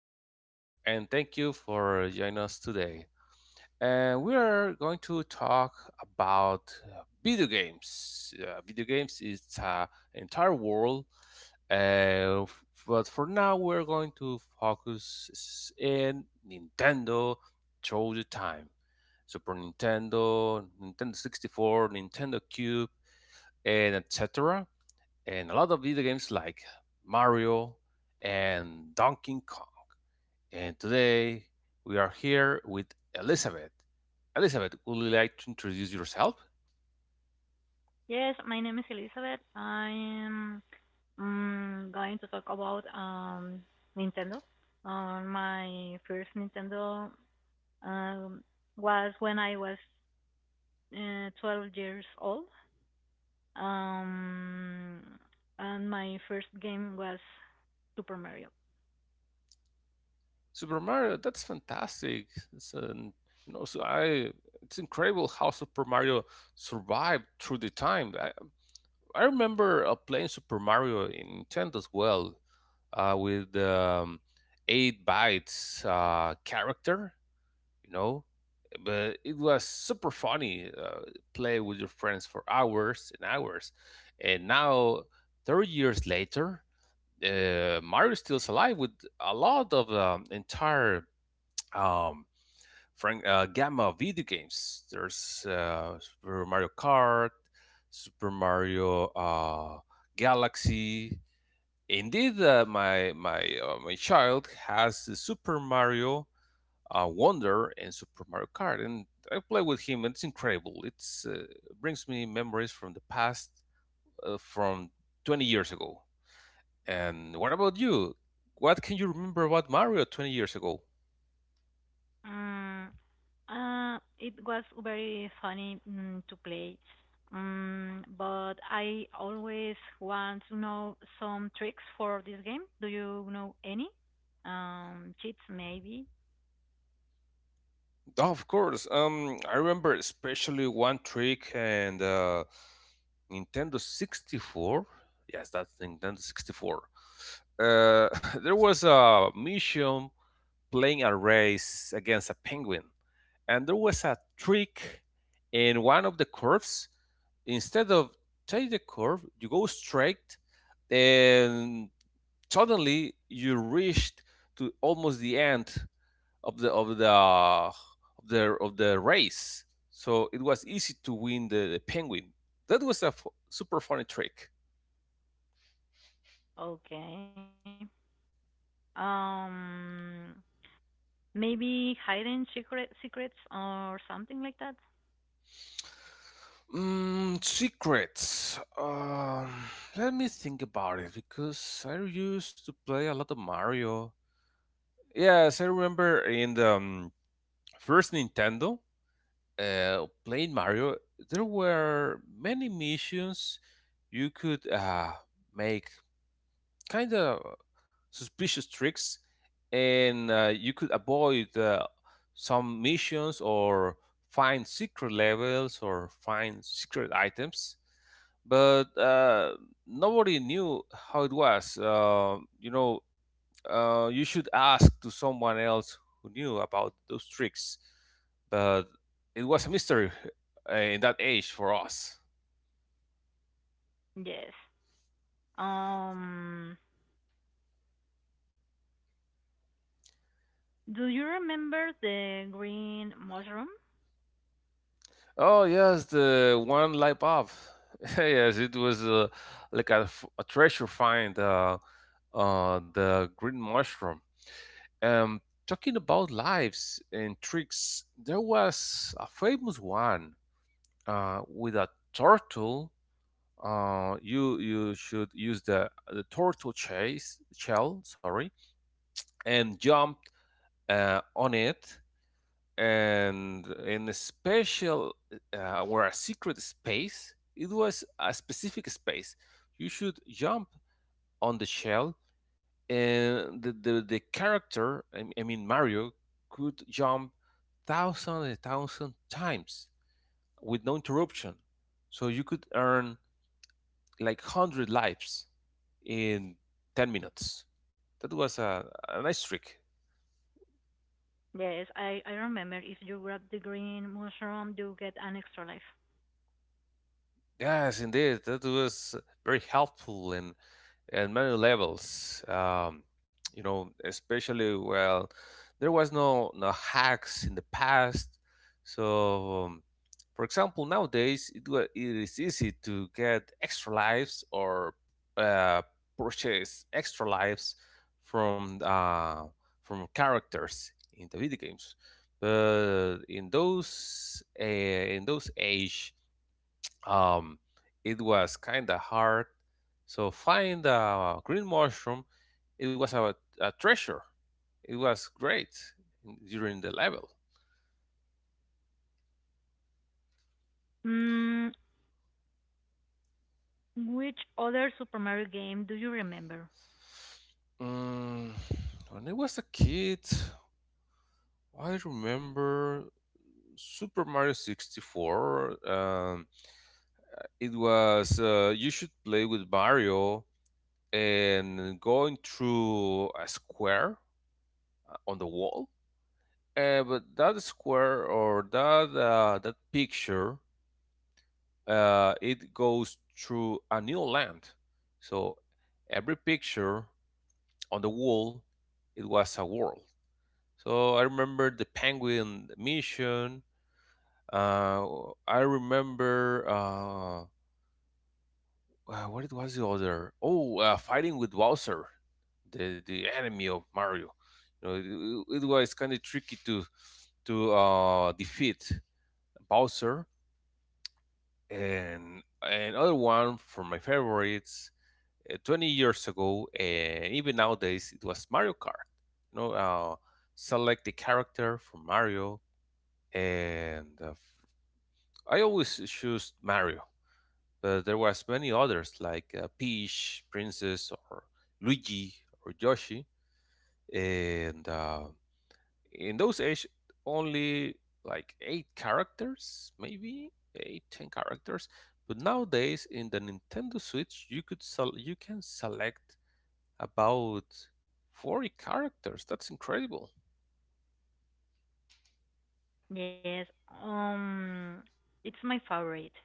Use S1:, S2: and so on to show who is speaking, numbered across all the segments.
S1: Oscar, and thank you for joining us today. And we are going to talk about video games. Video games is an entire world, but for now we're going to focus in Nintendo through the time. Super Nintendo, Nintendo 64, Nintendo Cube, and etc. And a lot of video games like Mario and Donkey Kong, and today we are here with Elizabeth. Elizabeth, would you like to introduce yourself?
S2: Yes, my name is Elizabeth. I am going to talk about Nintendo. My first Nintendo um, was when I was 12 years old, um, and my first game was Super Mario.
S1: Super Mario, that's fantastic. It's an, so I it's incredible how Super Mario survived through the time. I remember playing Super Mario in Nintendo as well, with eight bytes character, you know but it was super funny, play with your friends for hours and hours. And now, 30 years later, Mario is still alive with a lot of entire um, frank, gamma of video games. There's Super Mario Kart, Super Mario Galaxy. Indeed, my child has the Super Mario Wonder in Super Mario Kart, and I play with him, and it's incredible. It's brings me memories from the past, from 20 years ago. And what about you? What can you remember about Mario 20 years ago?
S2: Mm, it was very funny to play, but I always want to know some tricks for this game. Do you know any? Cheats maybe.
S1: Of course. I remember especially one trick and, Nintendo 64. Yes, that's Nintendo 64. Uh, there was a mission playing a race against a penguin, and there was a trick in one of the curves. Instead of take the curve, you go straight, and suddenly you reached to almost the end of the of the of of the race. So it was easy to win the penguin. That was a super funny trick.
S2: Okay. Um, Maybe hiding secrets or something like that.
S1: Mm, secrets. Let me think about it because I used to play a lot of Mario. Yes, I remember in the first Nintendo, playing Mario, there were many missions you could make kind of suspicious tricks, and you could avoid some missions or find secret levels or find secret items. But nobody knew how it was. You should ask to someone else who knew about those tricks. But it was a mystery, in that age for us.
S2: Yes. Um, do you remember the green mushroom?
S1: Oh yes, the one light bulb. Yes, it was like a treasure find. The green mushroom. Um, Talking about lives and tricks, there was a famous one, with a turtle, you should use the turtle chase shell, sorry, and jump on it, and in a special, or a secret space. It was a specific space. You should jump on the shell, and the character, I mean Mario, could jump thousands and thousands times with no interruption. So you could earn like 100 lives in 10 minutes. That was a nice trick.
S2: Yes, I remember if you grab the green mushroom, you get an extra life.
S1: Yes, indeed, that was very helpful in many levels. Especially, well, there was no hacks in the past. So, for example, nowadays it is easy to get extra lives, or uh, purchase extra lives from uh, from characters in the video games. But in those age, um, it was kind of hard. So find a green mushroom. It was a treasure. It was great during the level.
S2: Mm, which other Super Mario game do you remember?
S1: Mm, when I was a kid, I remember Super Mario 64. It was you should play with Mario and going through a square on the wall. But that square or that, picture, it goes through a new land. So every picture on the wall, it was a world. So I remember the penguin mission. Uh, I remember what it was the other. Oh, fighting with Bowser, the enemy of Mario. It was kind of tricky to defeat Bowser. And another one from my favorites, 20 years ago and even nowadays, it was Mario Kart. you know uh, Select the character from Mario, and I always choose Mario. But there was many others like, Peach Princess or Luigi or Yoshi. And in those age, only like eight characters, maybe eight ten characters. But nowadays in the Nintendo Switch, you can select about 40 characters. That's incredible.
S2: Yes, um, it's my favorite.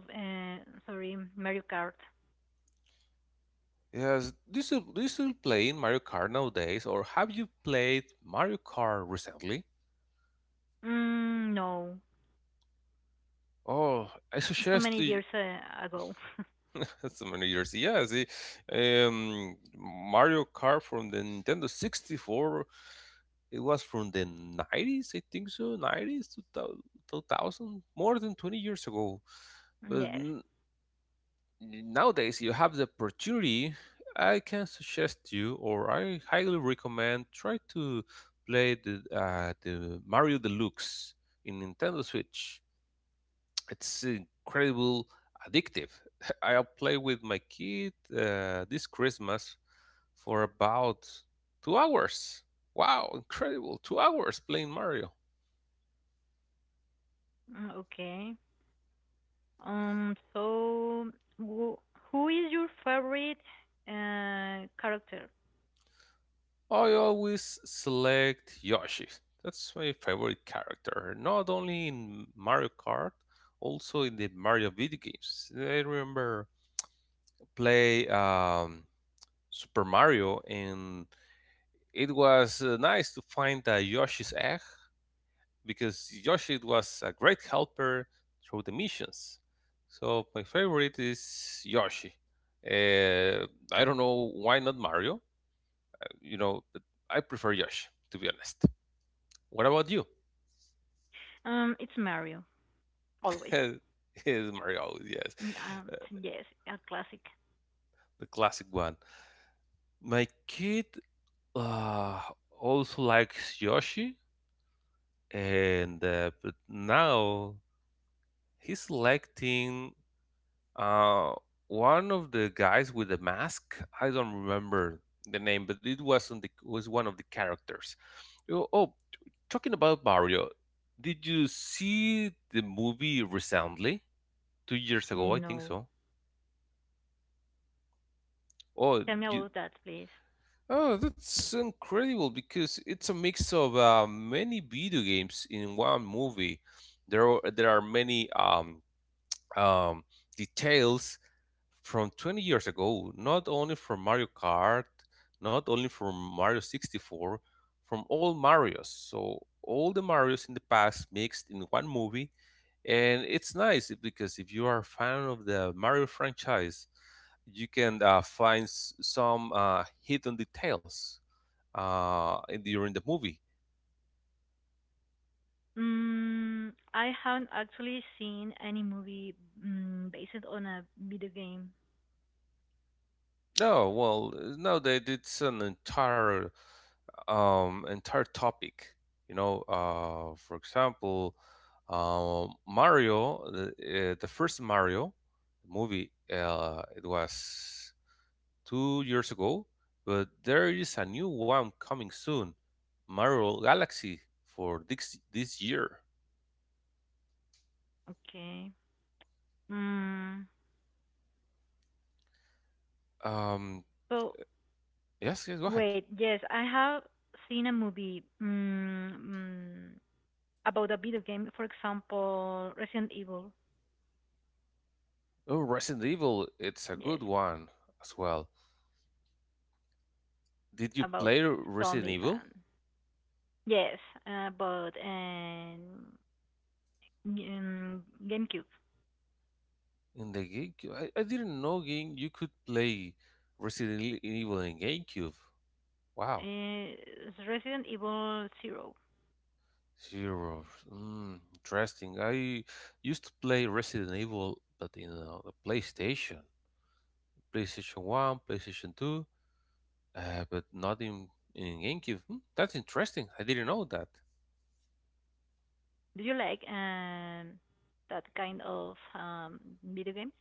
S2: Sup- Uh, Mario Kart.
S1: Yes, do you still play in Mario Kart nowadays, or have you played Mario Kart recently?
S2: Mm, no,
S1: Oh, I
S2: so
S1: suggest
S2: many
S1: you.
S2: years ago.
S1: So many years. Yes, the, Mario Kart from the Nintendo 64. It was from the 90s, I think so, 90s to 2000, more than 20 years ago. But
S2: Yes.
S1: nowadays, you have the opportunity. I can suggest you, or I highly recommend, try to play the Mario Deluxe in Nintendo Switch. It's incredible, addictive. I play with my kid, this Christmas for about 2 hours. Wow, incredible! 2 hours playing Mario.
S2: Mm, okay. So, who, who is your favorite character?
S1: I always select Yoshi. That's my favorite character, not only in Mario Kart, also in the Mario video games. I remember play, Super Mario, and it was nice to find a Yoshi's egg because Yoshi was a great helper through the missions. So my favorite is Yoshi. Uh, I don't know why not Mario. You know, but I prefer Yoshi, to be honest. What about you?
S2: It's Mario, always.
S1: Is Mario, yes,
S2: Mm, Um,
S1: uh,
S2: yes, a classic.
S1: the classic one. My kid, uh, also likes Yoshi, and but now he's liking uh, one of the guys with the mask. I don't remember the name, but it wasn't was one of the characters. Oh, talking about Mario, did you see the movie recently? 2 years ago, I think
S2: No.
S1: so. Oh,
S2: Tell me
S1: you,
S2: about that, please.
S1: Oh, that's incredible because it's a mix of many video games in one movie. There are many um, details from 20 years ago, not only from Mario Kart, not only from Mario 64, from all Marios. So all the Marios in the past mixed in one movie, and it's nice because if you are a fan of the Mario franchise, you can find some hidden details during the movie.
S2: Mm, I haven't actually seen any movie based on a video game.
S1: No, well, no, they it's an entire, entire topic. You know, for example, Mario, the first Mario movie, it was 2 years ago, but there is a new one coming soon, Mario Galaxy for this year.
S2: Okay. Mm,
S1: Um,
S2: so
S1: yes, yes, go ahead.
S2: yes, I have seen a movie about a video game, for example, Resident Evil.
S1: Oh, Resident Evil, it's a
S2: Yes,
S1: good one as well. Did you
S2: about
S1: play Resident
S2: zombies
S1: Evil
S2: and yes, but and um, GameCube.
S1: in the GameCube? I didn't know game you could play Evil in GameCube. Wow.
S2: It's Resident Evil Zero.
S1: Zero. Mm, interesting. I used to play Resident Evil, but in the PlayStation, PlayStation One, PlayStation Two, but not in GameCube. Hmm, that's interesting. I didn't know that.
S2: Do you like that kind of video games?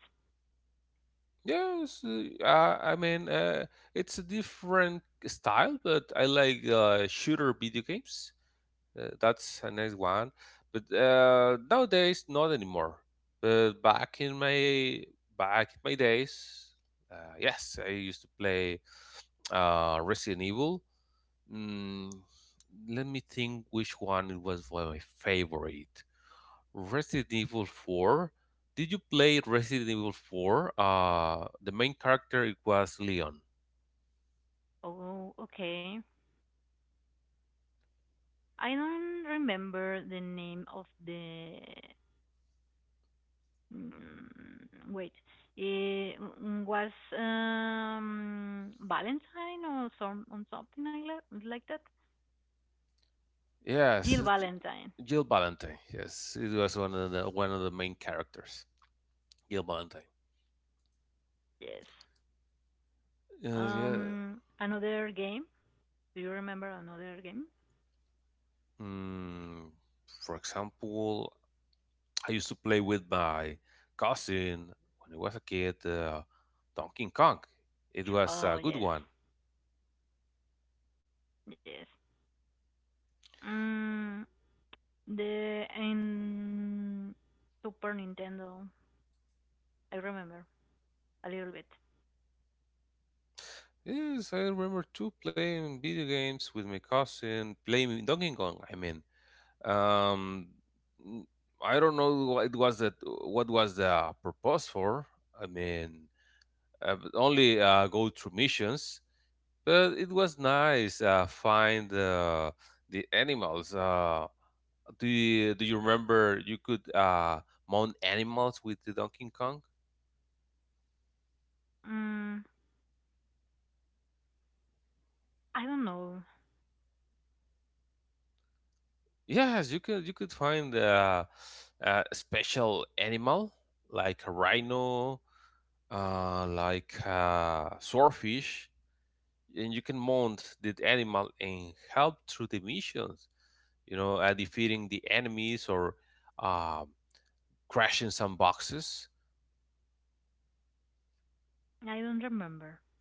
S1: Yes, I mean, it's a different style, but I like shooter video games. That's a nice one. But nowadays, not anymore. But back in my days, yes, I used to play Resident Evil. Mm, Let me think which one it was, one of my favorite. Resident Evil 4. Did you play Resident Evil 4? The main character it was Leon.
S2: Oh, okay. I don't remember the name of the. Mm, wait, it was Valentine or something like that, like that.
S1: Yes,
S2: Jill Valentine.
S1: Jill Valentine. Yes, it was one of the main characters, Jill Valentine.
S2: Yes.
S1: Yeah.
S2: Another game. Do you remember another game?
S1: Mm, for example, I used to play with my cousin when I was a kid. Donkey Kong. It was
S2: Oh
S1: a good
S2: yes,
S1: one.
S2: yes. Mm, the in Super Nintendo, I remember a little bit.
S1: Yes, I remember too playing video games with my cousin, playing Donkey Kong. I mean, um, n- I don't know what was the purpose for. I mean, but only go through missions. But it was nice. Find the animals. Do you remember you could mount animals with the Donkey Kong?
S2: Mm, I don't know.
S1: Yes, you could. You could find a special animal like a rhino, like a swordfish, and you can mount that animal and help through the missions. You know, defeating the enemies or um crashing some boxes.
S2: I don't remember.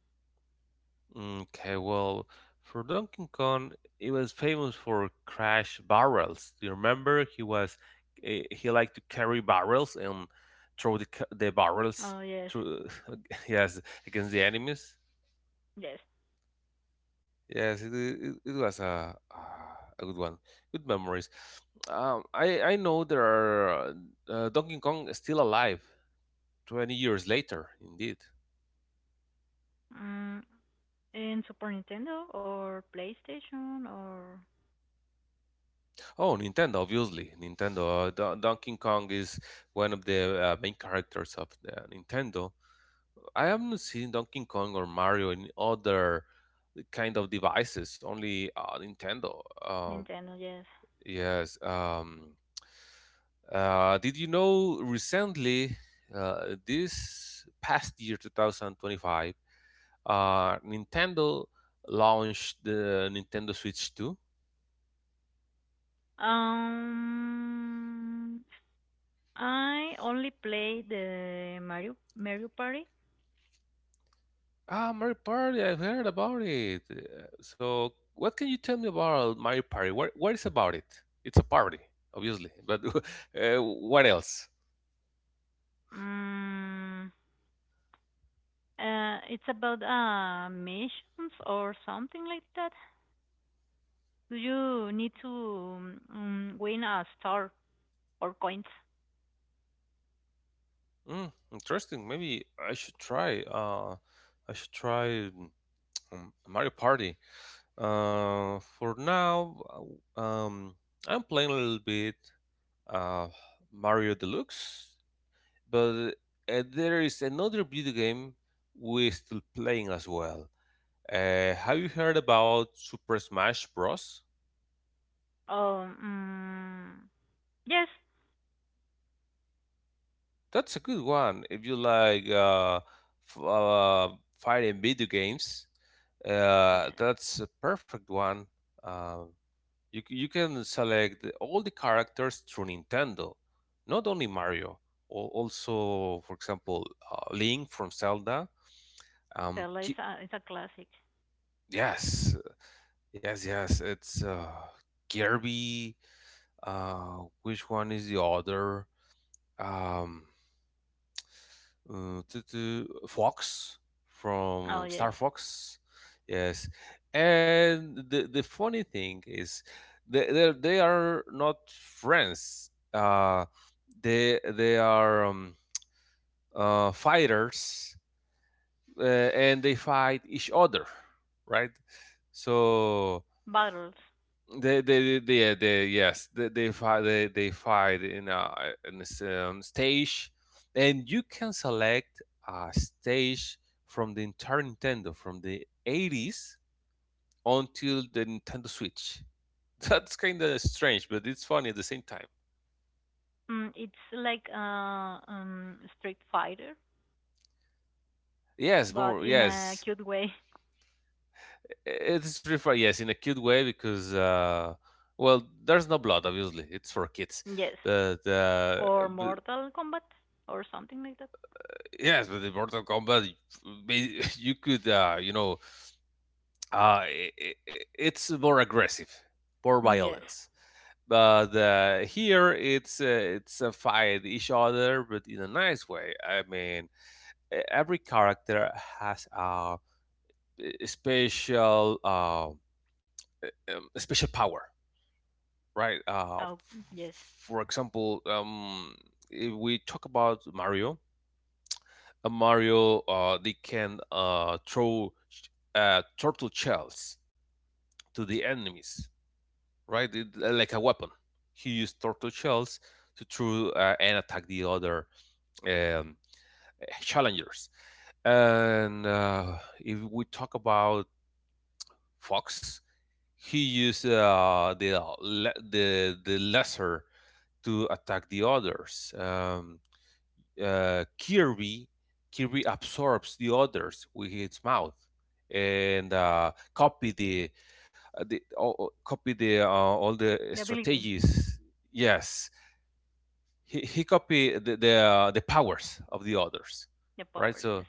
S1: Okay, well, for Donkey Kong, he was famous for crash barrels. Do you remember? He liked to carry barrels and throw the barrels
S2: Oh yes,
S1: to yes against the enemies.
S2: yes.
S1: Yes, it was a good one. Good memories. I know there are Donkey Kong is still alive 20 years later, indeed.
S2: Mm, in Super Nintendo or PlayStation or
S1: Oh, Nintendo, obviously. Nintendo. Donkey Kong is one of the main characters of the Nintendo. I haven't seen Donkey Kong or Mario in other kind of devices, only Nintendo.
S2: Nintendo, yes.
S1: Yes. Did you know recently, this past year, 2025, Nintendo launched the Nintendo Switch 2?
S2: Um, I only played the Mario Party.
S1: Ah, Mario Party, I've heard about it. So, what can you tell me about Mario Party? What is about it? It's a party, obviously, but what else?
S2: Mm, it's about missions or something like that. Do you need to win a star or coins?
S1: Mm, interesting. Maybe I should try. I should try Mario Party. For now, uh, um, I'm playing a little bit uh, Mario Deluxe, but there is another video game we're still playing as well. Have you heard about Super Smash Bros?
S2: Oh, mm, yes.
S1: That's a good one if you like f fighting video games.
S2: Yeah,
S1: That's a perfect one. Uh, you can select all the characters through Nintendo, not only Mario. Also, for example, Link from Zelda. Um,
S2: Stella is
S1: Ki-
S2: is a classic.
S1: yes, yes. It's Kirby. Which one is the other? Um, to Fox
S2: Oh,
S1: from
S2: yes.
S1: Star Fox. Yes, and the funny thing is, they are not friends. They are fighters, and they fight each other, right? So
S2: Battles.
S1: they fight, they fight in a in this stage, and you can select a stage from the entire Nintendo from the 80s until the Nintendo Switch. That's kind of strange, but it's funny at the same time.
S2: It's like Street Fighter, but in a
S1: Yes,
S2: cute way.
S1: yes, in a cute way because, well, there's no blood, obviously, it's for kids,
S2: Yes.
S1: but
S2: Or Mortal Kombat, or something like that.
S1: yes, with the Mortal Kombat, you you could, you know, I it's more aggressive, more
S2: Mm, yes.
S1: violence. But here, it's a fight each other, but in a nice way. I mean, every character has a special, uh, a special power, right?
S2: Oh, yes.
S1: For example, if we talk about Mario. A Mario, they can throw turtle shells to the enemies, right? Like a weapon. He used turtle shells to throw and attack the other um, challengers. And if we talk about Fox, he used the, the lesser to attack the others. Kirby Kirby absorbs the others with his mouth and copy the, uh, the all, copy the all the
S2: The ability,
S1: strategies. Yes, he copy the the powers of the others,
S2: the
S1: right?
S2: power, yes.
S1: So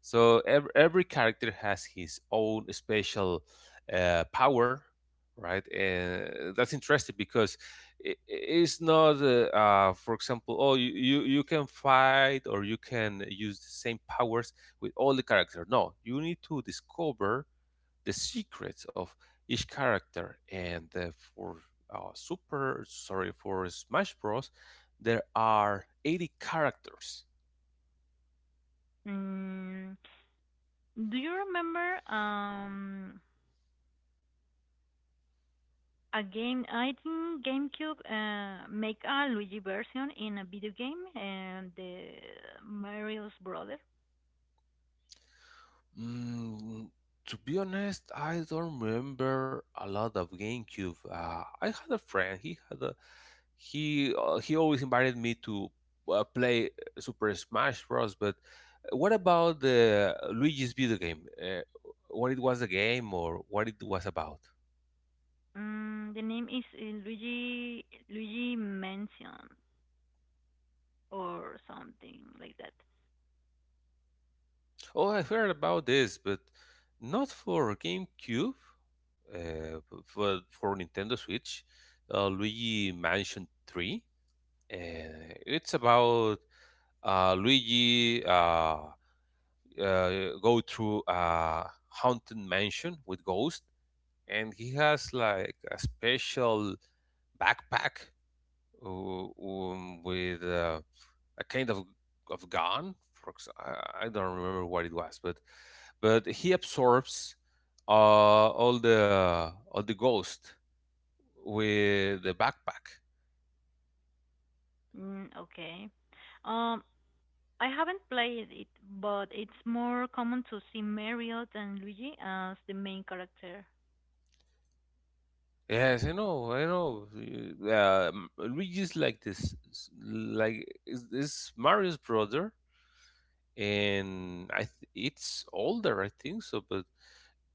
S1: every character has his own special power, right? And that's interesting because it's not, for example, oh, you can fight or you can use the same powers with all the characters. No, you need to discover the secrets of each character. And for Smash Bros., there are 80 characters.
S2: Mm, do you remember a game, I think GameCube make a Luigi version in a video game, and the Mario's brother.
S1: Mm, to be honest, I don't remember a lot of GameCube. I had a friend. He had a he He always invited me to play Super Smash Bros. But what about the Luigi's video game? What it was a game or what it was about?
S2: Mm, the name is Luigi Mansion or something like that.
S1: Oh, I heard about this, but not for GameCube. Uh, but for Nintendo Switch, Luigi Mansion Three. It's about Luigi go through a haunted mansion with ghosts, and he has like a special backpack with a kind of gun. For ex- I don't remember what it was, but he absorbs all the ghosts with the backpack.
S2: Mm, okay. Um, I haven't played it, but it's more common to see Mario than Luigi as the main character.
S1: Yes, I know, I know. Luigi is like this, s- like is this Mario's brother, and it's older, I think so. But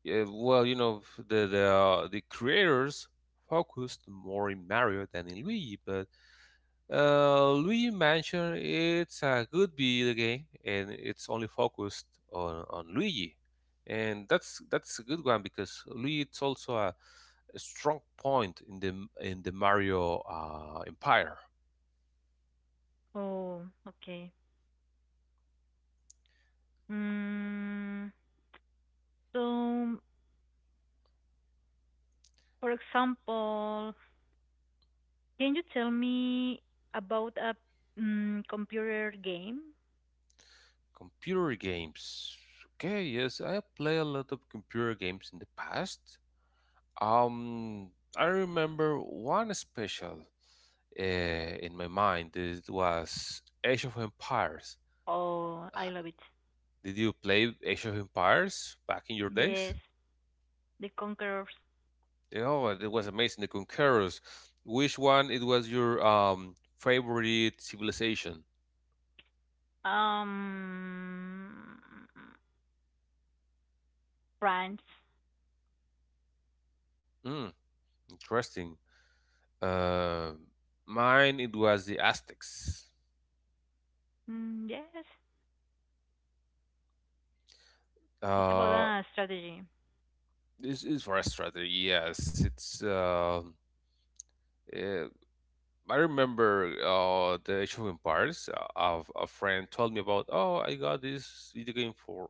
S1: yeah, well, you know, the creators focused more in Mario than in Luigi, but Luigi Mansion, it's a good video game, and it's only focused on Luigi, and that's a good one because Luigi it's also a strong point in the Mario empire.
S2: Oh, okay. Mm, so, for example, can you tell me about a computer game?
S1: Computer games, okay, yes, I play a lot of computer games in the past. Um, I remember one special in my mind. It was Age of Empires.
S2: Oh, I love it.
S1: Did you play Age of Empires back in your days?
S2: Yes, The Conquerors.
S1: Oh, it was amazing. The Conquerors. Which one it was your favorite civilization?
S2: Um, France.
S1: Mm, interesting. Uh, mine it was the Aztecs.
S2: Mm, yes, it's about
S1: Uh,
S2: a strategy.
S1: this is for a strategy. Yes, it's. Uh, I remember the Age of Empires. A friend told me about. Oh, I got this video game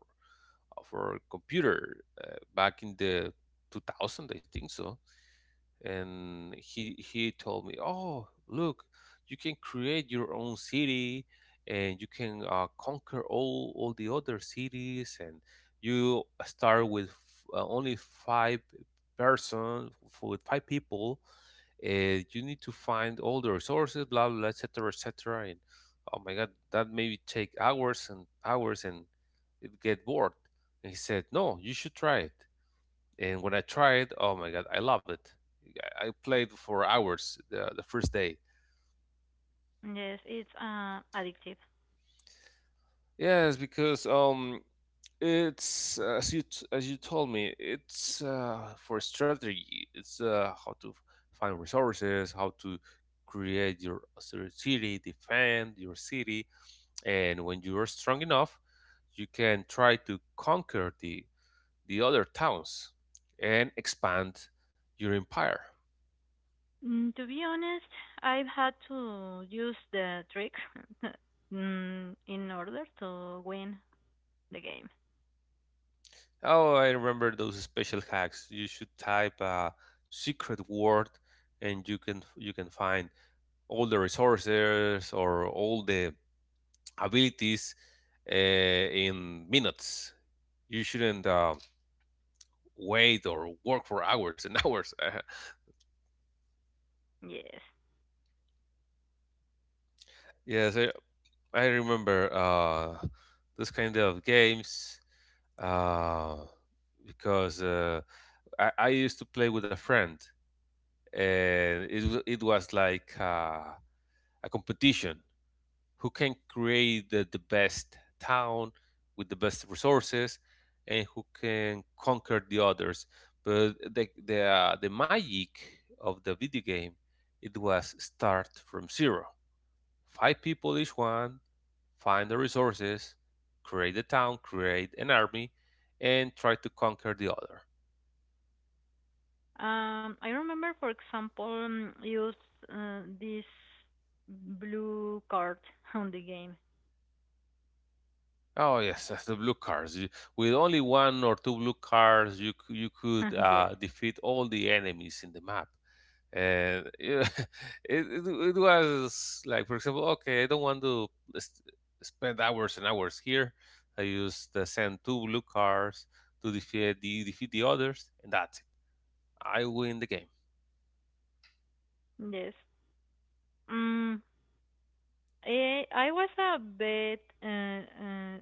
S1: for computer back in the 2000, I think so. And he told me, oh look, you can create your own city and you can conquer all the other cities, and you start with only five with five people, and you need to find all the resources, blah blah, etc., etc. And oh my god, that maybe take hours and hours, and it get bored. And he said, no, you should try it. And when I tried, oh my god, I love it. I played for hours the first day.
S2: Yes, it's addictive.
S1: Yes, because it's as you as you told me, it's for strategy. It's how to find resources, how to create your city, defend your city, and when you are strong enough, you can try to conquer the other towns and expand your empire.
S2: Mm, to be honest, I've had to use the trick in order to win the game.
S1: Oh, I remember those special hacks. You should type a secret word, and you can find all the resources or all the abilities in minutes. You shouldn't wait or work for hours and hours.
S2: Yes.
S1: Yes, I remember this kind of games uh, because I used to play with a friend, and it was like. A competition. Who can create the best town with the best resources and who can conquer the others. But the magic of the video game, it was start from zero. Five people each one, find the resources, create a town, create an army, and try to conquer the other.
S2: I remember, for example, use this blue card on the game.
S1: Oh yes, that's the blue cards. With only one or two blue cards, you could
S2: Yes,
S1: defeat all the enemies in the map. And yeah, it was like, for example, okay, I don't want to s- spend hours and hours here. I used send two blue cars to defeat the others and that's it, I win the game.
S2: yes. Um, I was a bit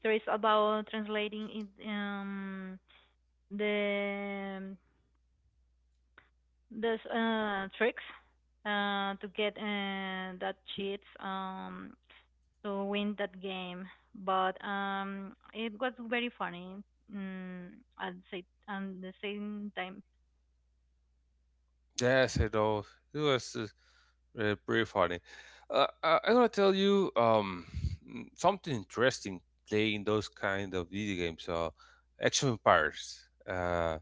S2: stressed about translating it, the the tricks to get that cheats. To win that game. But it was very funny. Mm, at the same time,
S1: Yes, I know. It was pretty funny. I'm gonna tell you something interesting playing those kind of video games, action empires. Uh,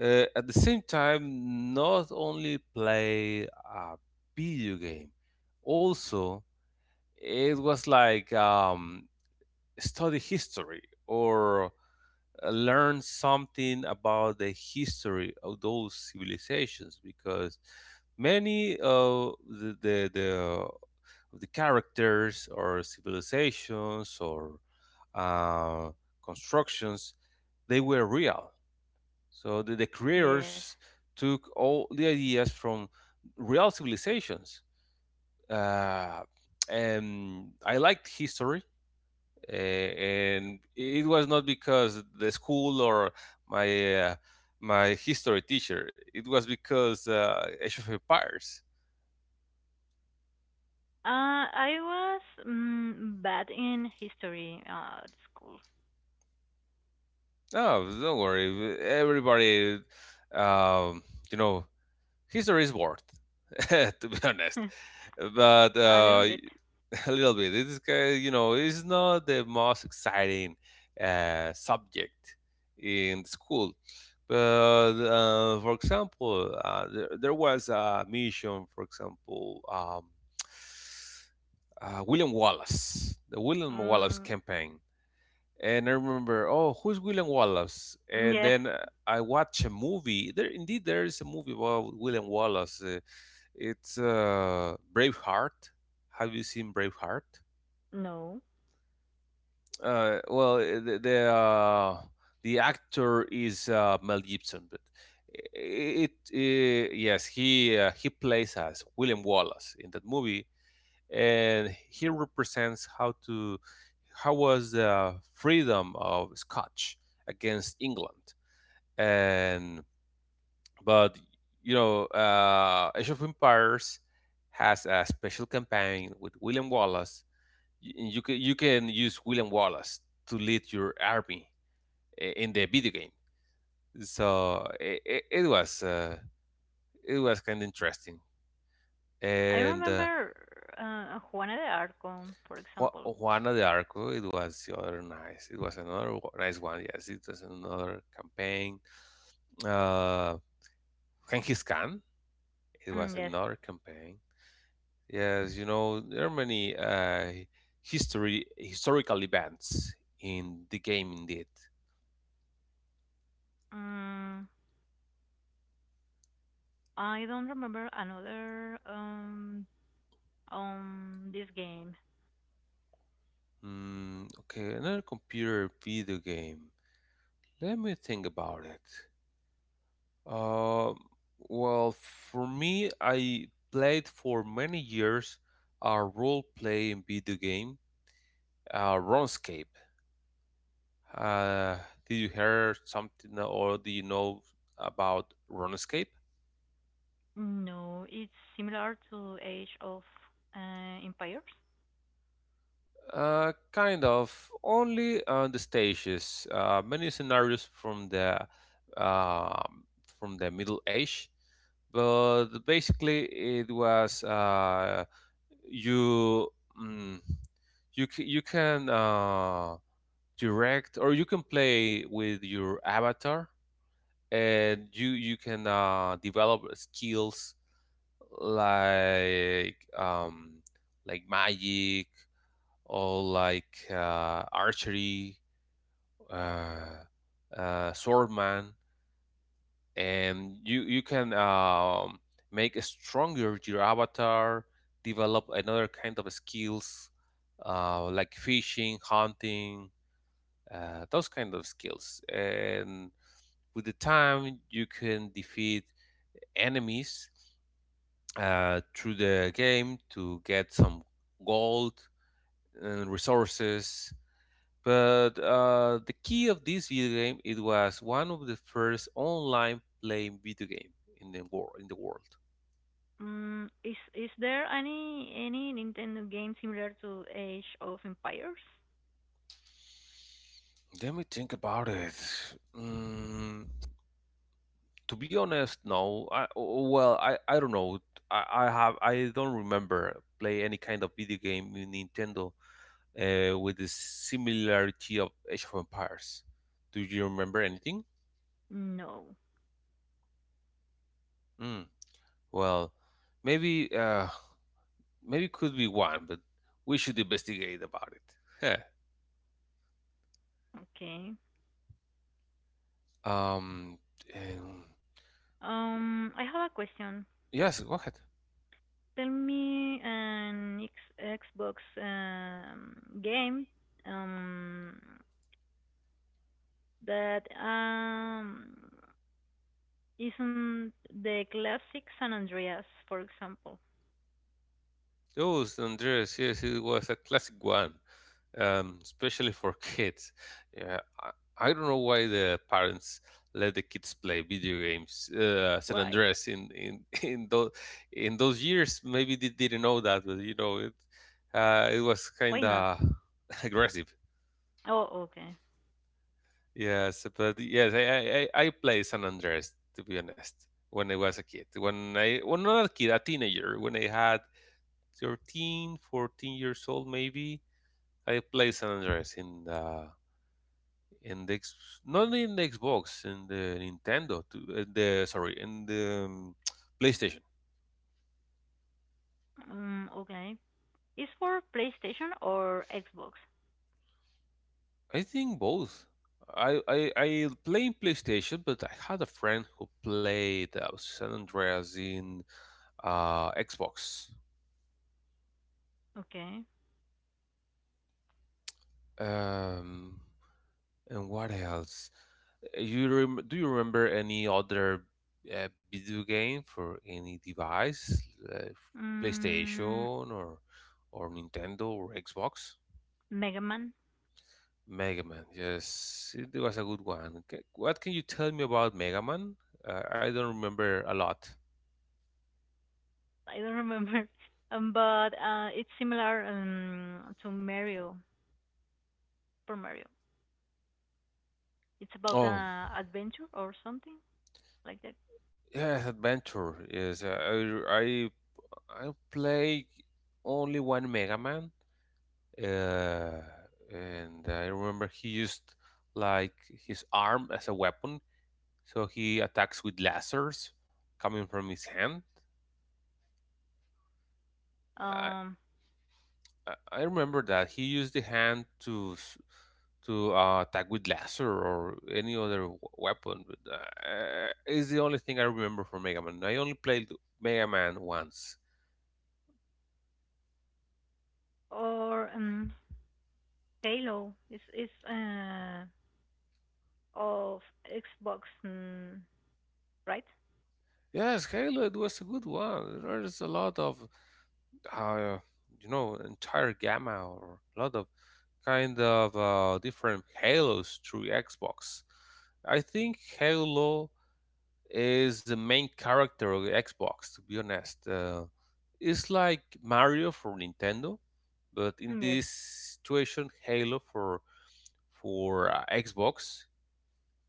S1: at the same time, not only play a video game, also it was like study history or learn something about the history of those civilizations, because many of the characters or civilizations or uh, constructions, they were real. So the
S2: yes.
S1: creators took all the ideas from real civilizations. Uh, and I liked history, and it was not because the school or my uh, my history teacher. It was because Age of Empires.
S2: I was bad in history at school,
S1: No, don't worry. Everybody, um, you know, history is bored, to be honest. But
S2: a little bit.
S1: a little bit. This guy, you know, is not the most exciting subject in school. But for example, there was a mission, for example, William Wallace, the William Wallace
S2: Mm,
S1: campaign. And I remember, oh, who's William Wallace? And
S2: yes,
S1: then I watch a movie. There, indeed, there is a movie about William Wallace. It's Braveheart. Have you seen Braveheart?
S2: no.
S1: Well, the actor is Mel Gibson, but yes, he plays as William Wallace in that movie, and he represents how to how was the freedom of Scotch against England. And but you know, Age of Empires has a special campaign with William Wallace. You can use William Wallace to lead your army in the video game. So was it was kind of interesting,
S2: I
S1: and
S2: remember Juana de Arco, for example.
S1: Juana de Arco, it was the other nice. It was another wa- nice one. Yes, it was another campaign. Uh, Genghis Khan, it
S2: Mm,
S1: was
S2: yes.
S1: another campaign. Yes, you know there are many history historical events in the game. Indeed.
S2: Mm, I don't remember another this game.
S1: Mm, okay, another computer video game. Let me think about it. Uh, well, for me, I played for many years a role-playing video game, RuneScape. Uh, did you hear something or do you know about RuneScape?
S2: No, it's similar to Age of Empires.
S1: Kind of, only on the stages. Many scenarios um from the Middle Age, but basically it was you mm, you can direct, or you can play with your avatar, and you can develop skills like um, like magic, or like archery, uh, swordman. And you can make stronger your avatar, develop another kind of skills, like fishing, hunting, those kind of skills. And with the time you can defeat enemies through the game to get some gold and resources. But the key of this video game, it was one of the first online playing video game in the world.
S2: Mm, is there any Nintendo game similar to Age of Empires?
S1: Let me think about it. Mm, to be honest, no. Well, I don't know. I don't remember play any kind of video game in Nintendo with the similarity of Age of Empires. Do you remember anything?
S2: No.
S1: Mm, well, maybe uh, maybe could be one, but we should investigate about it. Heh.
S2: Okay.
S1: um, um,
S2: I have a question.
S1: yes, go ahead.
S2: Tell me an X Xbox um game um that isn't the classic San Andreas, for example.
S1: Those Andreas, yes, it was a classic one. Especially for kids. Yeah, I don't know why the parents let the kids play video games. San
S2: Why?
S1: Andreas in in those years. Maybe they didn't know that, but you know it it was
S2: Why
S1: kind
S2: not?
S1: of aggressive.
S2: Oh, okay.
S1: Yes, but yes, I play San Andreas, to be honest, when I was a kid. When I, well, not a kid, a teenager. When I had 13, 14 years old, maybe. I played San Andreas in the in the X- not in the Xbox, in the Nintendo, to, in the PlayStation.
S2: Okay. It's for PlayStation or Xbox.
S1: I think both. I play PlayStation, but I had a friend who played San Andreas in Xbox.
S2: Okay.
S1: Um, and what else? Do you remember any other video game for any device, uh,
S2: Mm,
S1: PlayStation, or Nintendo, or Xbox?
S2: Mega Man.
S1: Mega Man, yes, it was a good one. Okay, what can you tell me about Mega Man? I don't remember a lot.
S2: I don't remember. But it's similar to Mario, for Mario. It's about
S1: Oh,
S2: an adventure or something like that.
S1: yes, adventure. Yes, I I play only one Mega Man, uh, and I remember he used like his arm as a weapon, so he attacks with lasers coming from his hand. I,
S2: Um,
S1: I remember that he used the hand to attack with laser or any other weapon. But, it's the only thing I remember from Mega Man. I only played Mega Man once.
S2: or Halo. It's of Xbox, mm, right?
S1: Yes, Halo, it was a good one. There's a lot of uh, you know, entire gamma, or a lot of kind of different Halos through Xbox. I think Halo is the main character of Xbox, to be honest. It's like Mario for Nintendo, but in
S2: Mm, yes.
S1: this situation, Halo for Xbox.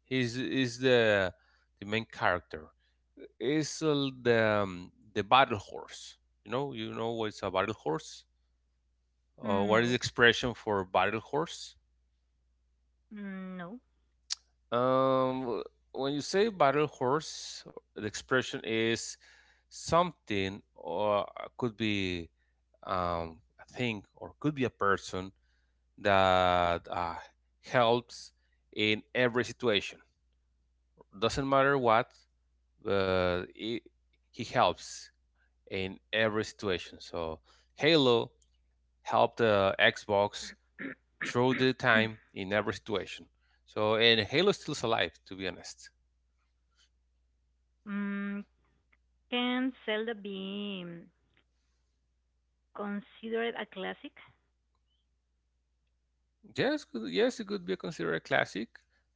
S1: He's is the main character. Is the battle horse. You know what's a battle horse.
S2: Mm,
S1: What
S2: no.
S1: is the expression for battle horse?
S2: Mm, no.
S1: Um, when you say battle horse, the expression is something, or could be a thing, or could be a person that helps in every situation. Doesn't matter what, but he helps in every situation. So Halo helped the Xbox through the time in every situation. So and Halo stills alive, to be honest.
S2: Mm, can Zelda be considered a classic?
S1: Yes, yes, it could be considered a classic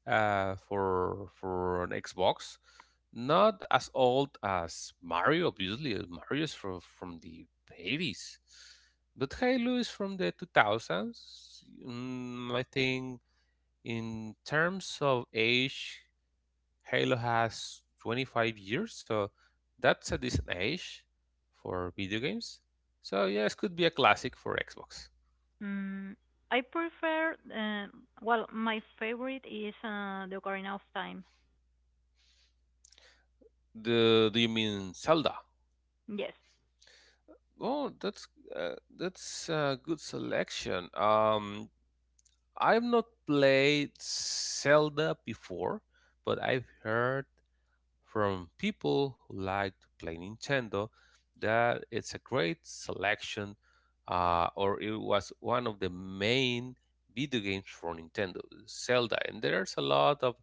S1: for an Xbox. Not as old as Mario, obviously. Uh, Mario is from the 80s, but Halo is from the 2000s. Mm, I think in terms of age, Halo has 25 years, so that's a decent age for video games. So yes, could be a classic for Xbox.
S2: Mm, I prefer, well, my favorite is The Ocarina of Time.
S1: The, do you mean Zelda?
S2: Yes.
S1: Oh, that's a good selection. I've not played Zelda before, but I've heard from people who like to play Nintendo that it's a great selection, or it was one of the main video games for Nintendo, Zelda. And there's a lot of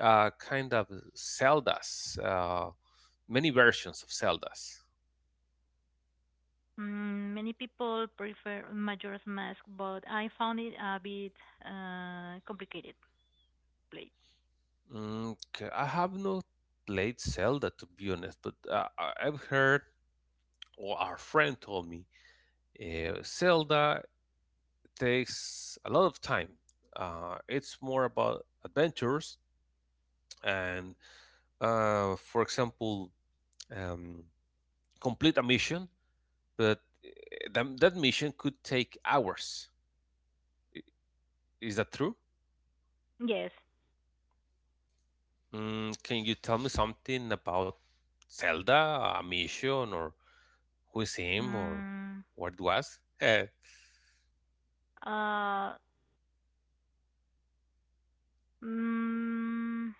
S1: kind of Zeldas, many versions of Zeldas.
S2: Mm, many people prefer Majora's Mask, but I found it a bit complicated to play.
S1: Okay, I have not played Zelda, to be honest, but I've heard, or our friend told me, Zelda takes a lot of time. It's more about adventures, and, for example, um, complete a mission, but that mission could take hours. Is that true?
S2: Yes.
S1: Mm, can you tell me something about Zelda, a mission, or who is him, or
S2: Mm,
S1: what it was?
S2: uh, mm,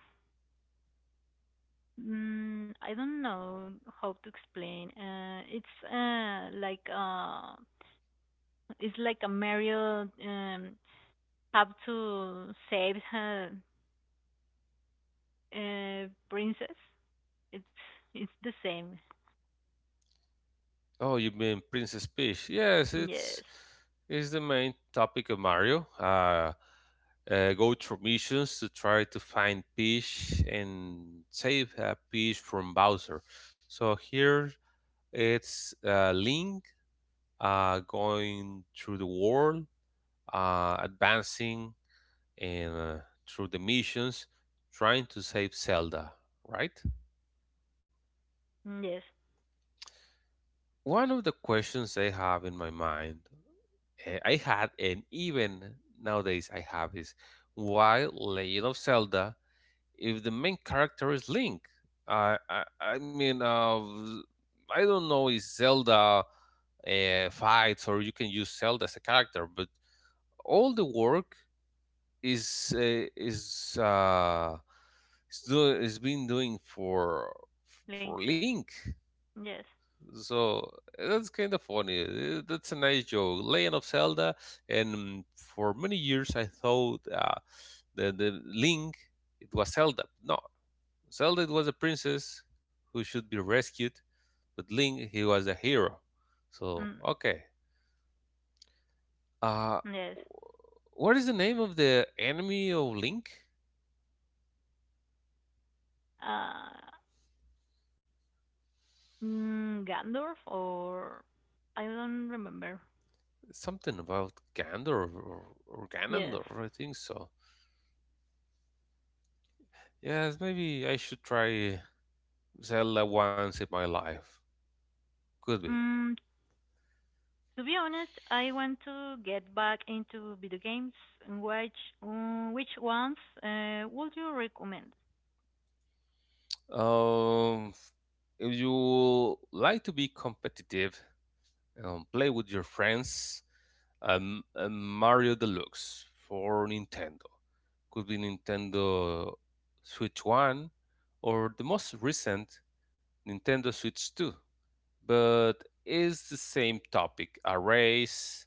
S2: I don't know how to explain. It's like it's like a Mario have to save her princess. It's it's the same.
S1: Oh, you mean Princess Peach? Yes, it's
S2: Yes.
S1: is the main topic of Mario. Go through missions to try to find Peach and save Peach from Bowser. So here it's Link going through the world, advancing, and through the missions, trying to save Zelda. Right?
S2: Yes.
S1: One of the questions I have in my mind, I had, and even nowadays I have, is why Legend of Zelda if the main character is Link? I mean, I don't know if Zelda fights, or you can use Zelda as a character, but all the work is is being doing for
S2: Link.
S1: Link.
S2: Yes.
S1: So that's kind of funny. That's a nice joke. Legend of Zelda, and for many years I thought the Link, it was Zelda. No, Zelda, it was a princess who should be rescued, but Link, he was a hero.
S2: Mm,
S1: So okay,
S2: yes.
S1: uh, what is the name of the enemy of Link?
S2: Uh, Gandalf or I don't remember.
S1: Something about Gander, or
S2: Yes.
S1: Ganondorf, I think so. Yes, maybe I should try Zelda once in my life. Could be.
S2: Mm, to be honest, I want to get back into video games. And which which ones would you recommend?
S1: Um, if you like to be competitive, play with your friends. Mario Deluxe for Nintendo. Could be Nintendo Switch 1 or the most recent Nintendo Switch 2. But it's the same topic, a race.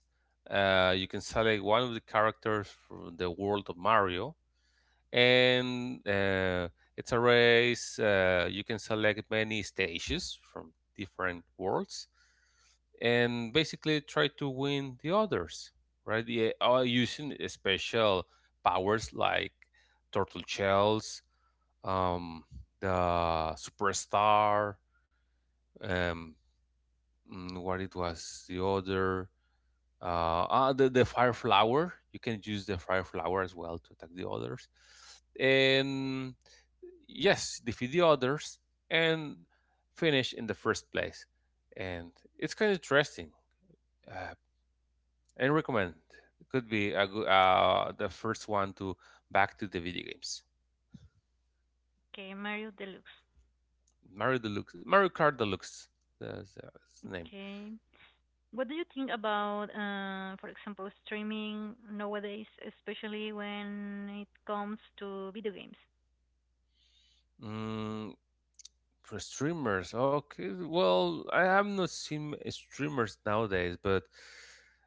S1: You can select one of the characters from the world of Mario, and it's a race. You can select many stages from different worlds, and basically try to win the others, right? Yeah, using special powers like turtle shells, um, the superstar, um, what it was, the other the fire flower. You can use the fire flower as well to attack the others, and yes, defeat the others, and finish in the first place. And it's kind of interesting, uh, and recommend. It could be a good, the first one to back to the video games.
S2: Okay, Mario Deluxe.
S1: Mario Deluxe, Mario Kart Deluxe, that's the name.
S2: Okay. What do you think about, for example, streaming nowadays, especially when it comes to video games?
S1: Mm, for streamers, okay. Well, I have not seen streamers nowadays, but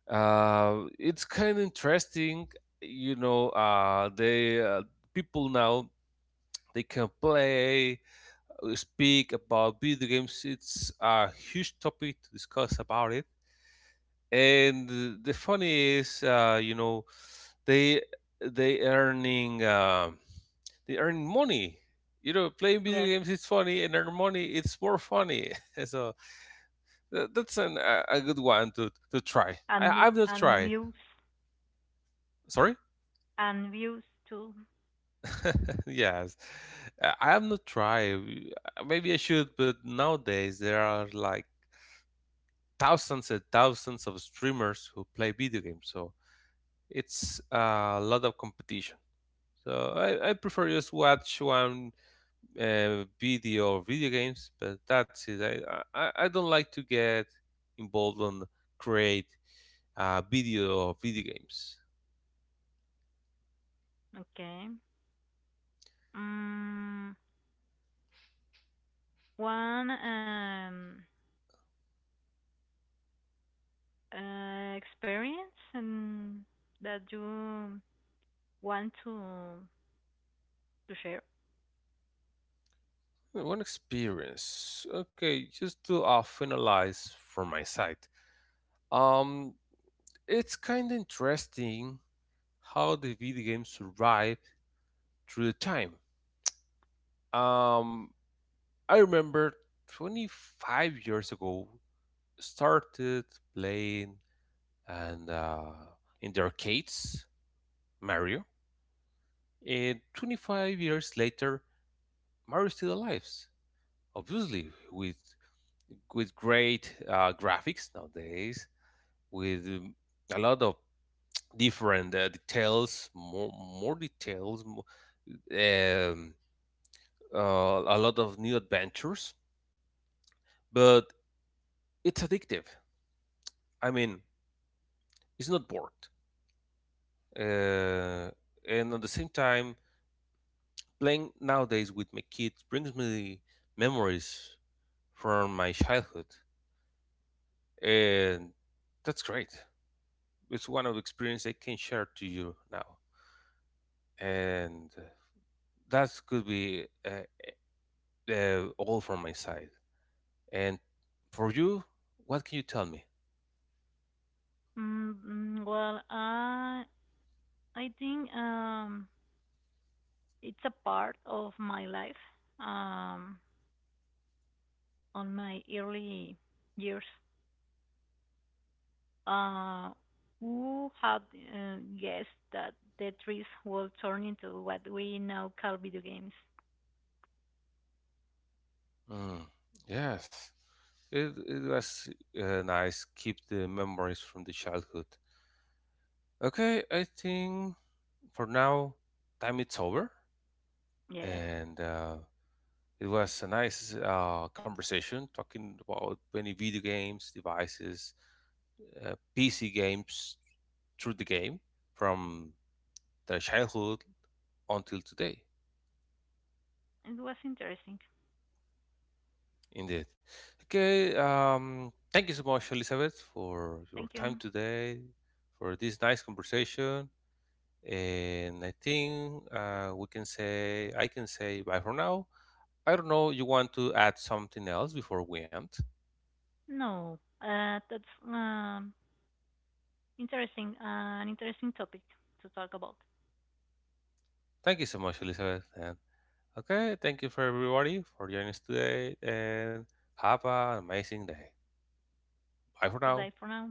S1: it's kind of interesting. You know, they people now, they can play, speak about video games. It's a huge topic to discuss about it. And the funny is you know, they they earning they earn money. You know, playing video
S2: Yes,
S1: games is funny, and earn money, it's more funny. So a good one to try.
S2: and
S1: I'm not try.
S2: views
S1: Sorry.
S2: and views too.
S1: Yes. I'm not try. Maybe I should, but nowadays there are like thousands and thousands of streamers who play video games, so it's a lot of competition. So I prefer just watch one video or video games, but that's it. I don't like to get involved on create video or video games.
S2: Okay. Mm, one experience and that you want to share.
S1: One experience. Okay, just to finalize from my side. Um, it's kind of interesting how the video games survive through the time. Um, I remember 25 years ago started playing, and in the arcades, Mario. And 25 years later, Mario still alive. Obviously, with great graphics nowadays, with a lot of different details, more details, um, uh, a lot of new adventures. But it's addictive. I mean, it's not bored, uh, and at the same time, playing nowadays with my kids brings me memories from my childhood, and that's great. It's one of the experience I can share to you now, and that could be all from my side. And for you, what can you tell me?
S2: Well, I think it's a part of my life. Um, on my early years uh, who had guessed that Tetris will turn into what we now call video games.
S1: Mm, yes, it was nice. Keep the memories from the childhood. Okay, I think for now, time it's over,
S2: Yes,
S1: and. It was a nice conversation talking about many video games, devices, PC games through the game from the childhood until today.
S2: it was interesting.
S1: Indeed. Okay. Thank you so much, Elizabeth, for your
S2: Thank
S1: time
S2: you.
S1: today, for this nice conversation. And I think we can say, I can say bye for now. I don't know, you want to add something else before we end?
S2: No, that's an interesting topic to talk about.
S1: Thank you so much, Elizabeth, and okay, thank you for everybody for joining us today, and have an amazing day. Bye for
S2: Goodbye
S1: now.
S2: for now.